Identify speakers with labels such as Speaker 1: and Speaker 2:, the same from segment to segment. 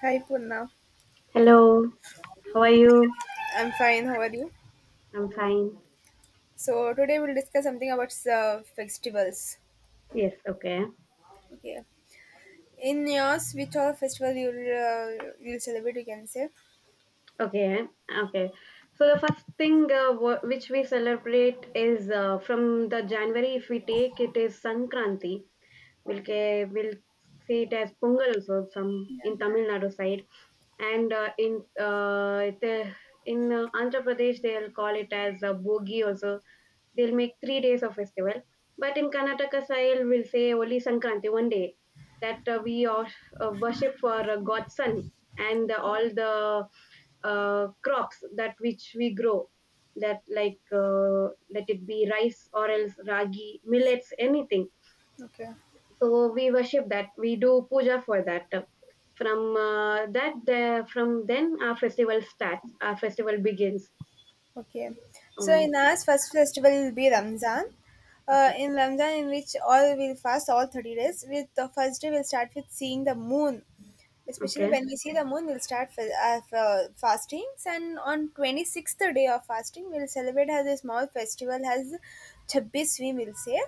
Speaker 1: Hi Purna,
Speaker 2: Hello, how are you?
Speaker 1: I'm fine. How are you?
Speaker 2: I'm fine.
Speaker 1: So today we'll discuss something about festivals.
Speaker 2: Yes, okay.
Speaker 1: Okay, in yours, which all festival you'll celebrate? You can say.
Speaker 2: Okay, okay. So the first thing which we celebrate is from the January, if we take it, is Sankranti. We'll see it as Pongal also, some
Speaker 1: Yeah.
Speaker 2: in Tamil Nadu side. And in Andhra Pradesh, they'll call it as Bogi also. They'll make 3 days of festival, but in Karnataka style we'll say only Sankranti one day. That we all worship for god's sun, and all the crops that which we grow, that like, let it be rice or else ragi millets, anything.
Speaker 1: Okay.
Speaker 2: So we worship that, we do puja for that. from uh, that the, from then our festival starts, our festival begins.
Speaker 1: Okay. So
Speaker 2: um,
Speaker 1: in our first festival will be Ramzan.
Speaker 2: okay,
Speaker 1: In Ramzan, in which all will fast all 30 days. With the first day, we'll start with seeing the moon. Especially
Speaker 2: okay,
Speaker 1: when we see the moon, we'll start fastings. And on 26th day of fasting, we'll celebrate as a small festival, as 26 we will say,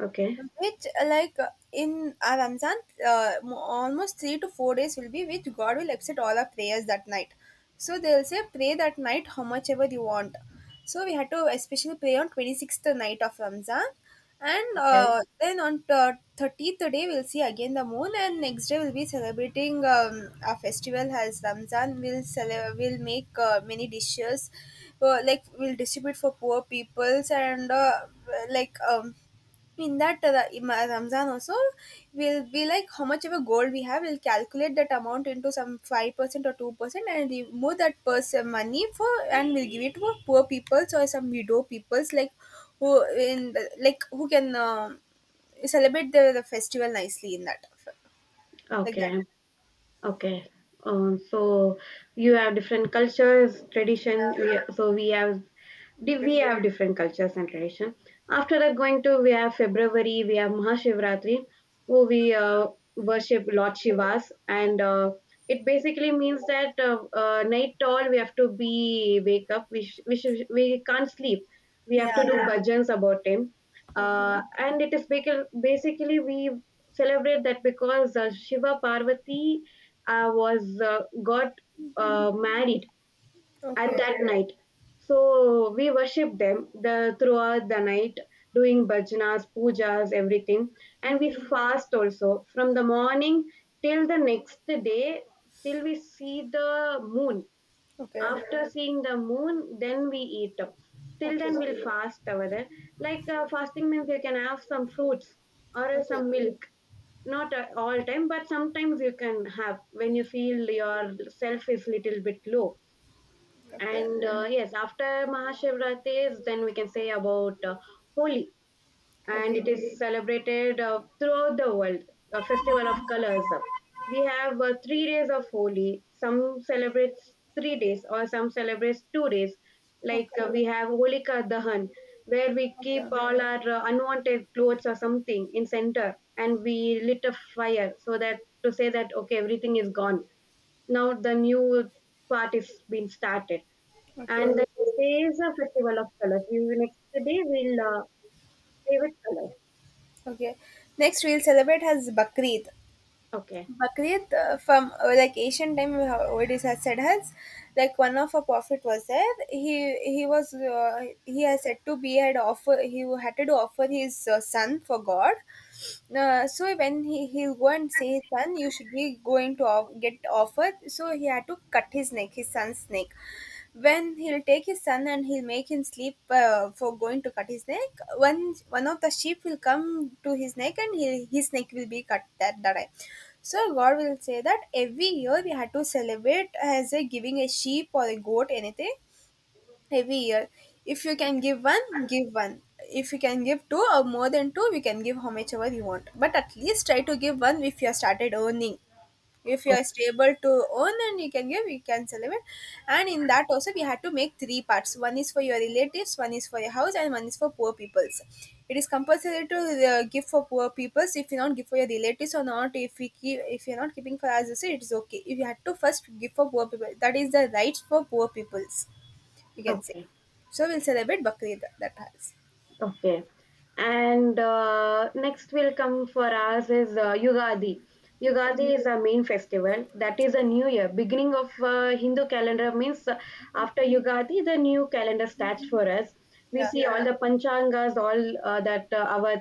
Speaker 2: okay.
Speaker 1: which like in our Ramzan, almost 3 to 4 days will be which God will accept all our prayers that night. So they'll say pray that night how much ever you want. So we had to especially pray on 26th night of Ramzan, and
Speaker 2: Okay.
Speaker 1: uh, then on 30th day we'll see again the moon, and next day we'll be celebrating our festival as Ramzan. We'll make many dishes, like we'll distribute for poor peoples and like um in that Ramzan also, we'll be like how much ever gold we have, we'll calculate that amount into some 5% or 2%, and remove that person money for, and we'll give it to poor people or some widow peoples like who in like who can celebrate the festival nicely in that, like that.
Speaker 2: Okay. Okay. So you have different cultures, tradition. So we have different cultures and tradition. After that, going to we have February, we have Mahashivratri, where we worship Lord Shiva's, and it basically means that night all we have to be wake up. We can't sleep. We
Speaker 1: Yeah.
Speaker 2: have
Speaker 1: Yeah.
Speaker 2: to do, yeah, bhajans about him, and it is basically we celebrate that, because Shiva Parvati was, got married at
Speaker 1: Okay.
Speaker 2: that night. So we worship them the throughout the night, doing bhajnas, pujas, everything, and we
Speaker 1: Okay.
Speaker 2: fast also from the morning till the next day, till we see the moon.
Speaker 1: Okay.
Speaker 2: After seeing the moon, then we eat. Till
Speaker 1: Okay.
Speaker 2: then, we'll fast over there. Like, fasting means you can have some fruits or
Speaker 1: Okay.
Speaker 2: some milk, not all time but sometimes you can have when you feel your self is little bit low.
Speaker 1: Okay.
Speaker 2: And yes, after Mahashivratri is, then we can say about Holi, and
Speaker 1: Okay.
Speaker 2: it is celebrated throughout the world, a festival of colors. We have 3 days of Holi. Some celebrates 3 days, or some celebrates 2 days.
Speaker 1: Okay.
Speaker 2: Like,
Speaker 1: Okay.
Speaker 2: we have Holika Dahan, where we keep
Speaker 1: Okay.
Speaker 2: all our unwanted clothes or something in center, and we lit a fire so that to say that okay, everything is gone. Now the new part is being started,
Speaker 1: Okay.
Speaker 2: and the day is a festival of colors. We will Next day we'll play with colors.
Speaker 1: Okay. Next, we'll celebrate has Bakrid.
Speaker 2: Okay.
Speaker 1: Bakrid from like ancient time, how already has said has like one of a prophet was there. He was he has said to be had offer he had to offer his son for God, so when he will and say son you should be going to get offered, so he had to cut his neck, his son's neck. When he'll take his son and he'll make him sleep for going to cut his neck, one of the sheep will come to his neck and his neck will be cut that time. So god will say that every year we had to celebrate as a giving a sheep or a goat anything every year. If you can give one, give one. If you can give two or more than two, we can give how much ever you want. But at least try to give one if you have started earning. If you are stable to earn and you can give, you can celebrate. And in that also, we had to make three parts. One is for your relatives, one is for your house, and one is for poor peoples. It is compulsory to give for poor peoples. If you not give for your relatives or not, if we keep, if you are not keeping for us, also, it is okay. If you had to first give for poor people, that is the right for poor peoples, you can say.
Speaker 2: Okay.
Speaker 1: So we'll celebrate Bakrid that has.
Speaker 2: Okay. And next will come for us is Yugadi.
Speaker 1: Okay.
Speaker 2: Yugadi is a main festival. That is a new year. Beginning of Hindu calendar means, after Yugadi, the new calendar starts for us. We
Speaker 1: Yeah.
Speaker 2: see all the panchangas, all that our,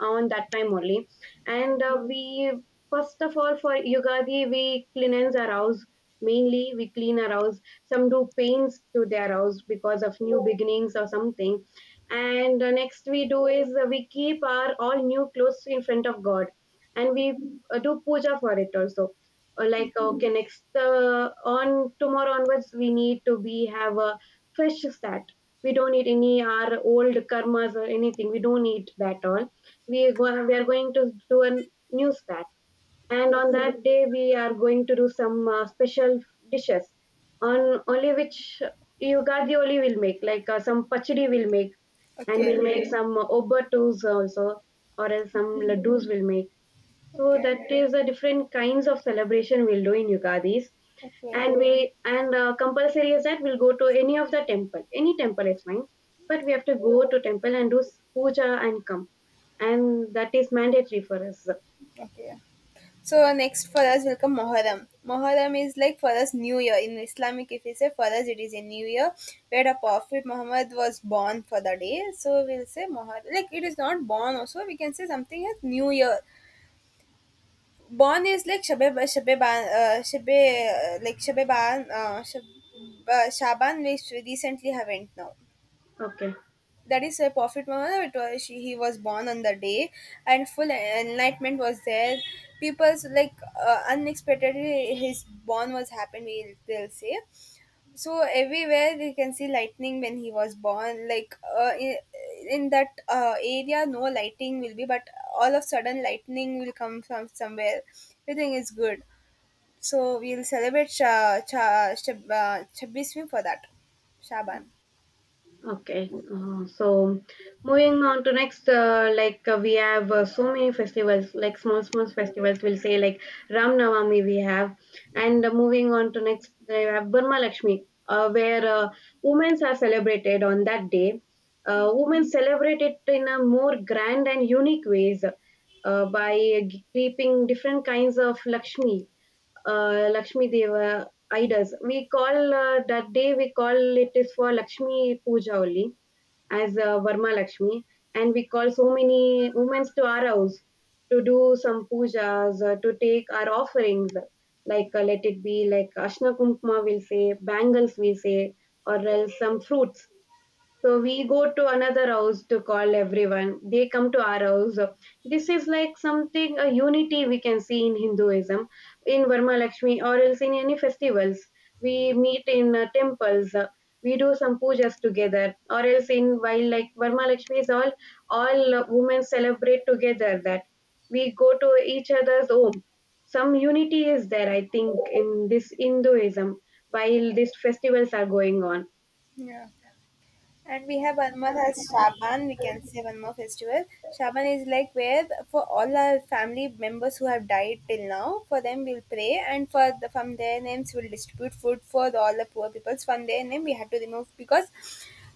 Speaker 2: on that time only. And we, first of all for Yugadi, we cleanse our house. Mainly we clean our house. Some do paints to their house because of new beginnings or something. And next we do is, we keep our all new clothes in front of god, and we do puja for it also. Like, okay, next, on tomorrow onwards we need to be have a fresh start. We don't need any our old karmas or anything, we don't need that all. We are going to do a new start, and on that day we are going to do some special dishes, on only, which Yugadi only will make, like some pachdi will make, and
Speaker 1: Okay.
Speaker 2: we'll make some obertus also, or else some laddus will make. So
Speaker 1: Okay.
Speaker 2: that is the different kinds of celebration we'll do in Yugadis.
Speaker 1: Okay.
Speaker 2: And we, and compulsory is that we'll go to any of the temple, any temple is fine, but we have to go to temple and do puja and come, and that is mandatory for us.
Speaker 1: Okay. So next for us will come Muharram. Muharram is like for us New Year. In Islamic, if we say for us, it is a New Year where the Prophet Muhammad was born for the day. So we'll say Muharram. Like it is not born also. We can say something as New Year. Born is like Shabe Shabe Ban Shabe like Shabe Ban Shab, Shaban, which we recently haven't now.
Speaker 2: Okay.
Speaker 1: That is a prophet Muhammad. It was, he was born on the day, and full enlightenment was there. People's like unexpectedly his born was happened, we will say. So everywhere we can see lightning when he was born. In that area, no lighting will be, but all of sudden lightning will come from somewhere. Everything is good. So we'll celebrate 26 for that. Shaban.
Speaker 2: Okay, so moving on to next, like, we have so many festivals, like small small festivals. We'll say like Ram Navami we have, and moving on to next, we have Burma Lakshmi, where women are celebrated on that day. Women celebrate it in a more grand and unique ways, by keeping different kinds of Lakshmi Deva idols. We call that day, we call it is for Lakshmi Puja only, as Varma Lakshmi, and we call so many women to our house to do some pujas, to take our offerings, like, let it be like Ashna Kunkma will say, bangles we say, or else some fruits. So we go to another house to call everyone. They come to our house. This is like something, a unity we can see in Hinduism, in Varma Lakshmi, or else in any festivals. We meet in temples. We do some pujas together, or else in while like Varma Lakshmi is all women celebrate together. That we go to each other's home. Some unity is there, I think, in this Hinduism while these festivals are going on.
Speaker 1: Yeah. And we have one more as Shaban, we can say one more festival. Shaban is like where for all our family members who have died till now, for them we'll pray and for from their names we'll distribute food for all the poor people. From their name we have to remove because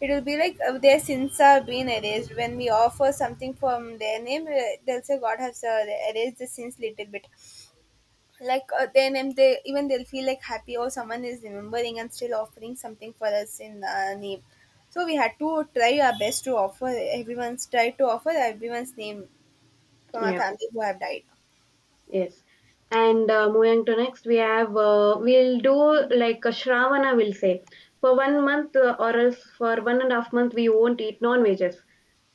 Speaker 1: it will be like their sins are being erased. When we offer something from their name, they'll say God has erased the sins little bit, like then and they, even they'll feel like happy or someone is remembering and still offering something for us in name. So we had to try our best to offer everyone's try to offer everyone's name from our
Speaker 2: Yeah.
Speaker 1: family who have died.
Speaker 2: Yes. And moving to next, we have, we'll do like a Shravana, will say for one month, or else for one and a half month we won't eat non-veggies.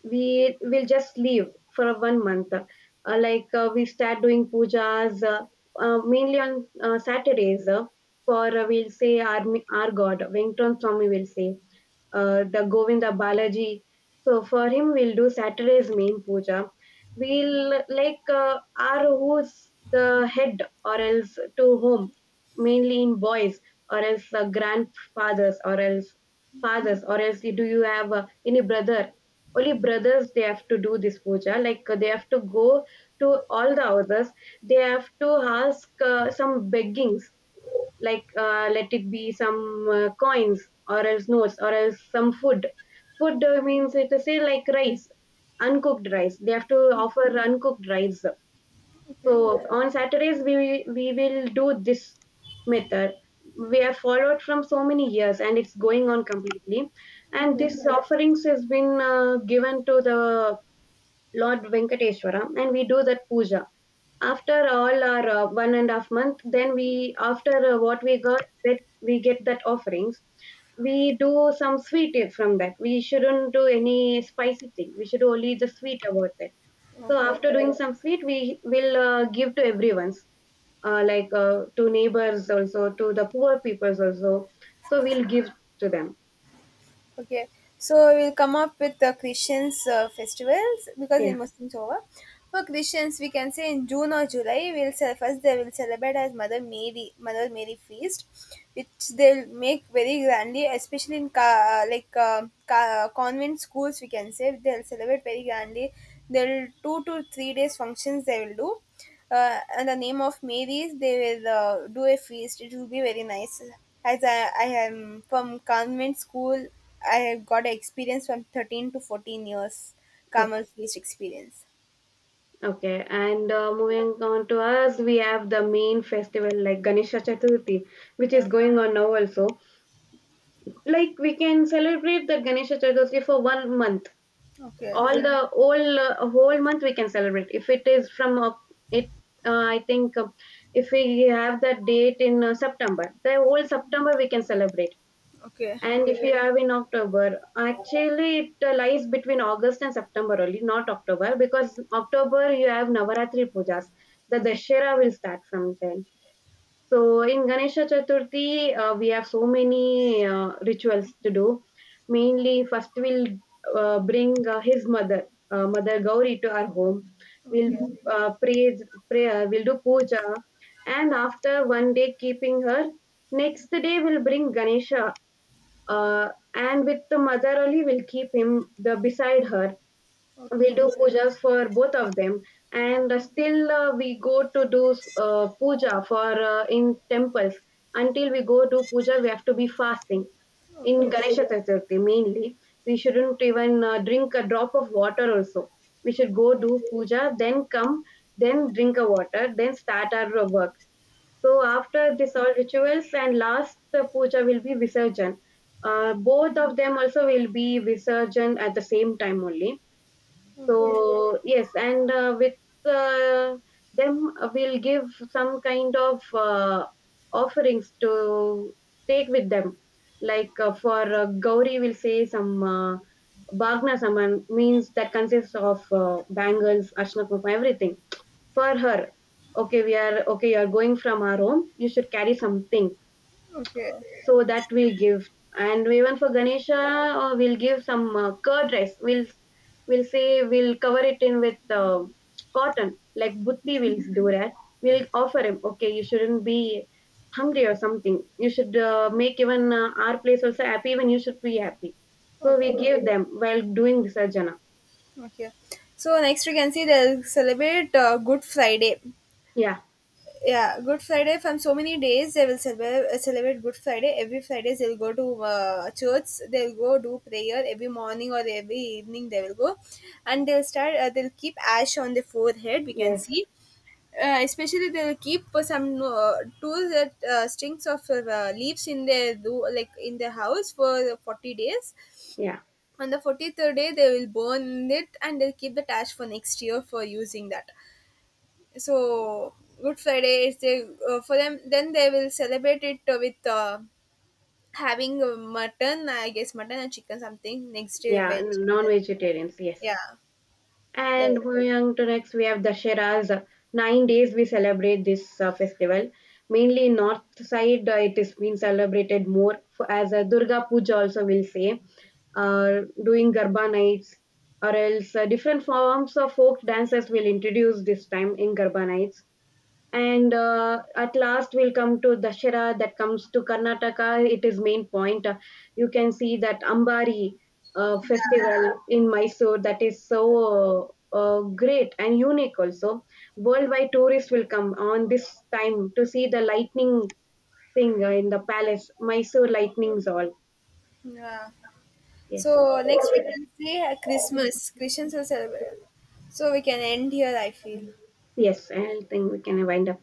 Speaker 2: We will just leave for one month. Like, we start doing pujas mainly on Saturdays, for we'll say, our God Venkatram Swami, will say the Govinda Balaji. So for him we'll do Saturday's main puja. We'll like, are who's the head, or else to whom, mainly in boys, or else grandfathers or else fathers or else, do you have any brother. Only brothers, they have to do this puja. Like, they have to go to all the houses, they have to ask some beggings, like, let it be some coins or else notes or else some food. Food, means it is say like rice, uncooked rice. They have to offer uncooked rice.
Speaker 1: Okay,
Speaker 2: So on Saturdays we will do this method. We have followed from so many years and it's going on completely. And
Speaker 1: okay,
Speaker 2: this offerings has been given to the Lord Venkateshwara, and we do that puja. After all our one and a half month, then we, after what we got, that we get, that offerings, we do some sweet from that. We shouldn't do any spicy thing, we should only the sweet about that. So
Speaker 1: okay.
Speaker 2: after doing some sweet we will give to everyone's, like, to neighbors also, to the poor peoples also, so we'll give to them.
Speaker 1: Okay, so we'll come up with the Christians festivals because
Speaker 2: Yeah.
Speaker 1: in Muslims over. For Christians, we can say in June or July, first they will celebrate as Mother Mary, Mother Mary feast, which they'll make very grandly, especially in convent schools. We can say they'll celebrate very grandly. They'll 2 to 3 days functions they will do, and the name of Mary's, they will do a feast. It will be very nice. As I am from convent school, I have got experience from 13 to 14 years,
Speaker 2: Okay,
Speaker 1: Carmel feast experience.
Speaker 2: okay. And moving on to us, we have the main festival like Ganesha Chaturthi, which
Speaker 1: Yeah.
Speaker 2: is going on now also. Like we can celebrate the Ganesha Chaturthi for one month,
Speaker 1: Okay,
Speaker 2: all the whole month we can celebrate, if it is from, it I think, if we have that date in September, the whole September we can celebrate.
Speaker 1: okay,
Speaker 2: And if we have in October, actually it lies between August and September only, not October, because October you have Navaratri pujas, the Dashera will start from then. So in Ganesha Chaturthi, we have so many rituals to do. Mainly, first we'll bring his mother, Mother Gauri, to our home. We'll
Speaker 1: okay,
Speaker 2: pray prayer. We'll do puja, and after one day keeping her, next day we'll bring Ganesha, uh, and with the mother only we'll keep him the beside her,
Speaker 1: okay,
Speaker 2: we
Speaker 1: okay,
Speaker 2: do pujas for both of them. And still, we go to do puja for, in temples, until we go do puja we have to be fasting. In
Speaker 1: okay,
Speaker 2: Ganesha Chaturthi mainly, we shouldn't even drink a drop of water also, we should go do puja, then come, then drink a water, then start our work. So after this all rituals and last puja will be visarjan. Both of them also will be visarjan at the same time only. So yes, and with uh, them, we'll give some kind of offerings to take with them, like, for Gauri will say some Bhagna Saman, means that consists of bangles, ashna kumkum, everything for her. Okay, we are okay, you are going from our home, you should carry something,
Speaker 1: okay,
Speaker 2: so that we'll give. And even for Ganesha, we'll give some curd rice. We'll say we'll cover it in with cotton, like butti will do that. We'll offer him, okay, you shouldn't be hungry or something, you should make even our place also happy, even you should be happy. So we
Speaker 1: okay,
Speaker 2: give them while doing visarjana.
Speaker 1: okay. So next we can see they'll celebrate Good Friday.
Speaker 2: Yeah,
Speaker 1: Yeah, Good Friday, from so many days they will celebrate Good Friday. Every Fridays they'll go to church, they'll go do prayer every morning or every evening they will go, and they'll start, they'll keep ash on the forehead, we can
Speaker 2: yes,
Speaker 1: see. Especially, they'll keep some two strings of leaves in their do, like in their house, for 40 days.
Speaker 2: yeah,
Speaker 1: On the 43rd day they will burn it, and they'll keep the ash for next year for using that. So Good Friday is, they, for them, then they will celebrate it with having mutton, I guess, mutton and chicken something, next day
Speaker 2: yeah.
Speaker 1: veg,
Speaker 2: Non-vegetarians, yes.
Speaker 1: yeah, that.
Speaker 2: And moving to next, we have Dashera's 9 days. We celebrate this festival mainly in north side. It is being celebrated more for, as a Durga Puja. Also, we'll say, doing Garba nights, or else different forms of folk dances will introduce this time in Garba nights. And at last, we'll come to Dashera that comes to Karnataka. It is main point. You can see that Ambari festival in Mysore, that is so great and unique also. Worldwide tourists will come on this time to see the lightning thing, in the palace, Mysore lightnings all.
Speaker 1: Yeah,
Speaker 2: Yes,
Speaker 1: so next we can say Christmas Christians will celebrate. So we can end here, I feel.
Speaker 2: yes, I think we can wind up.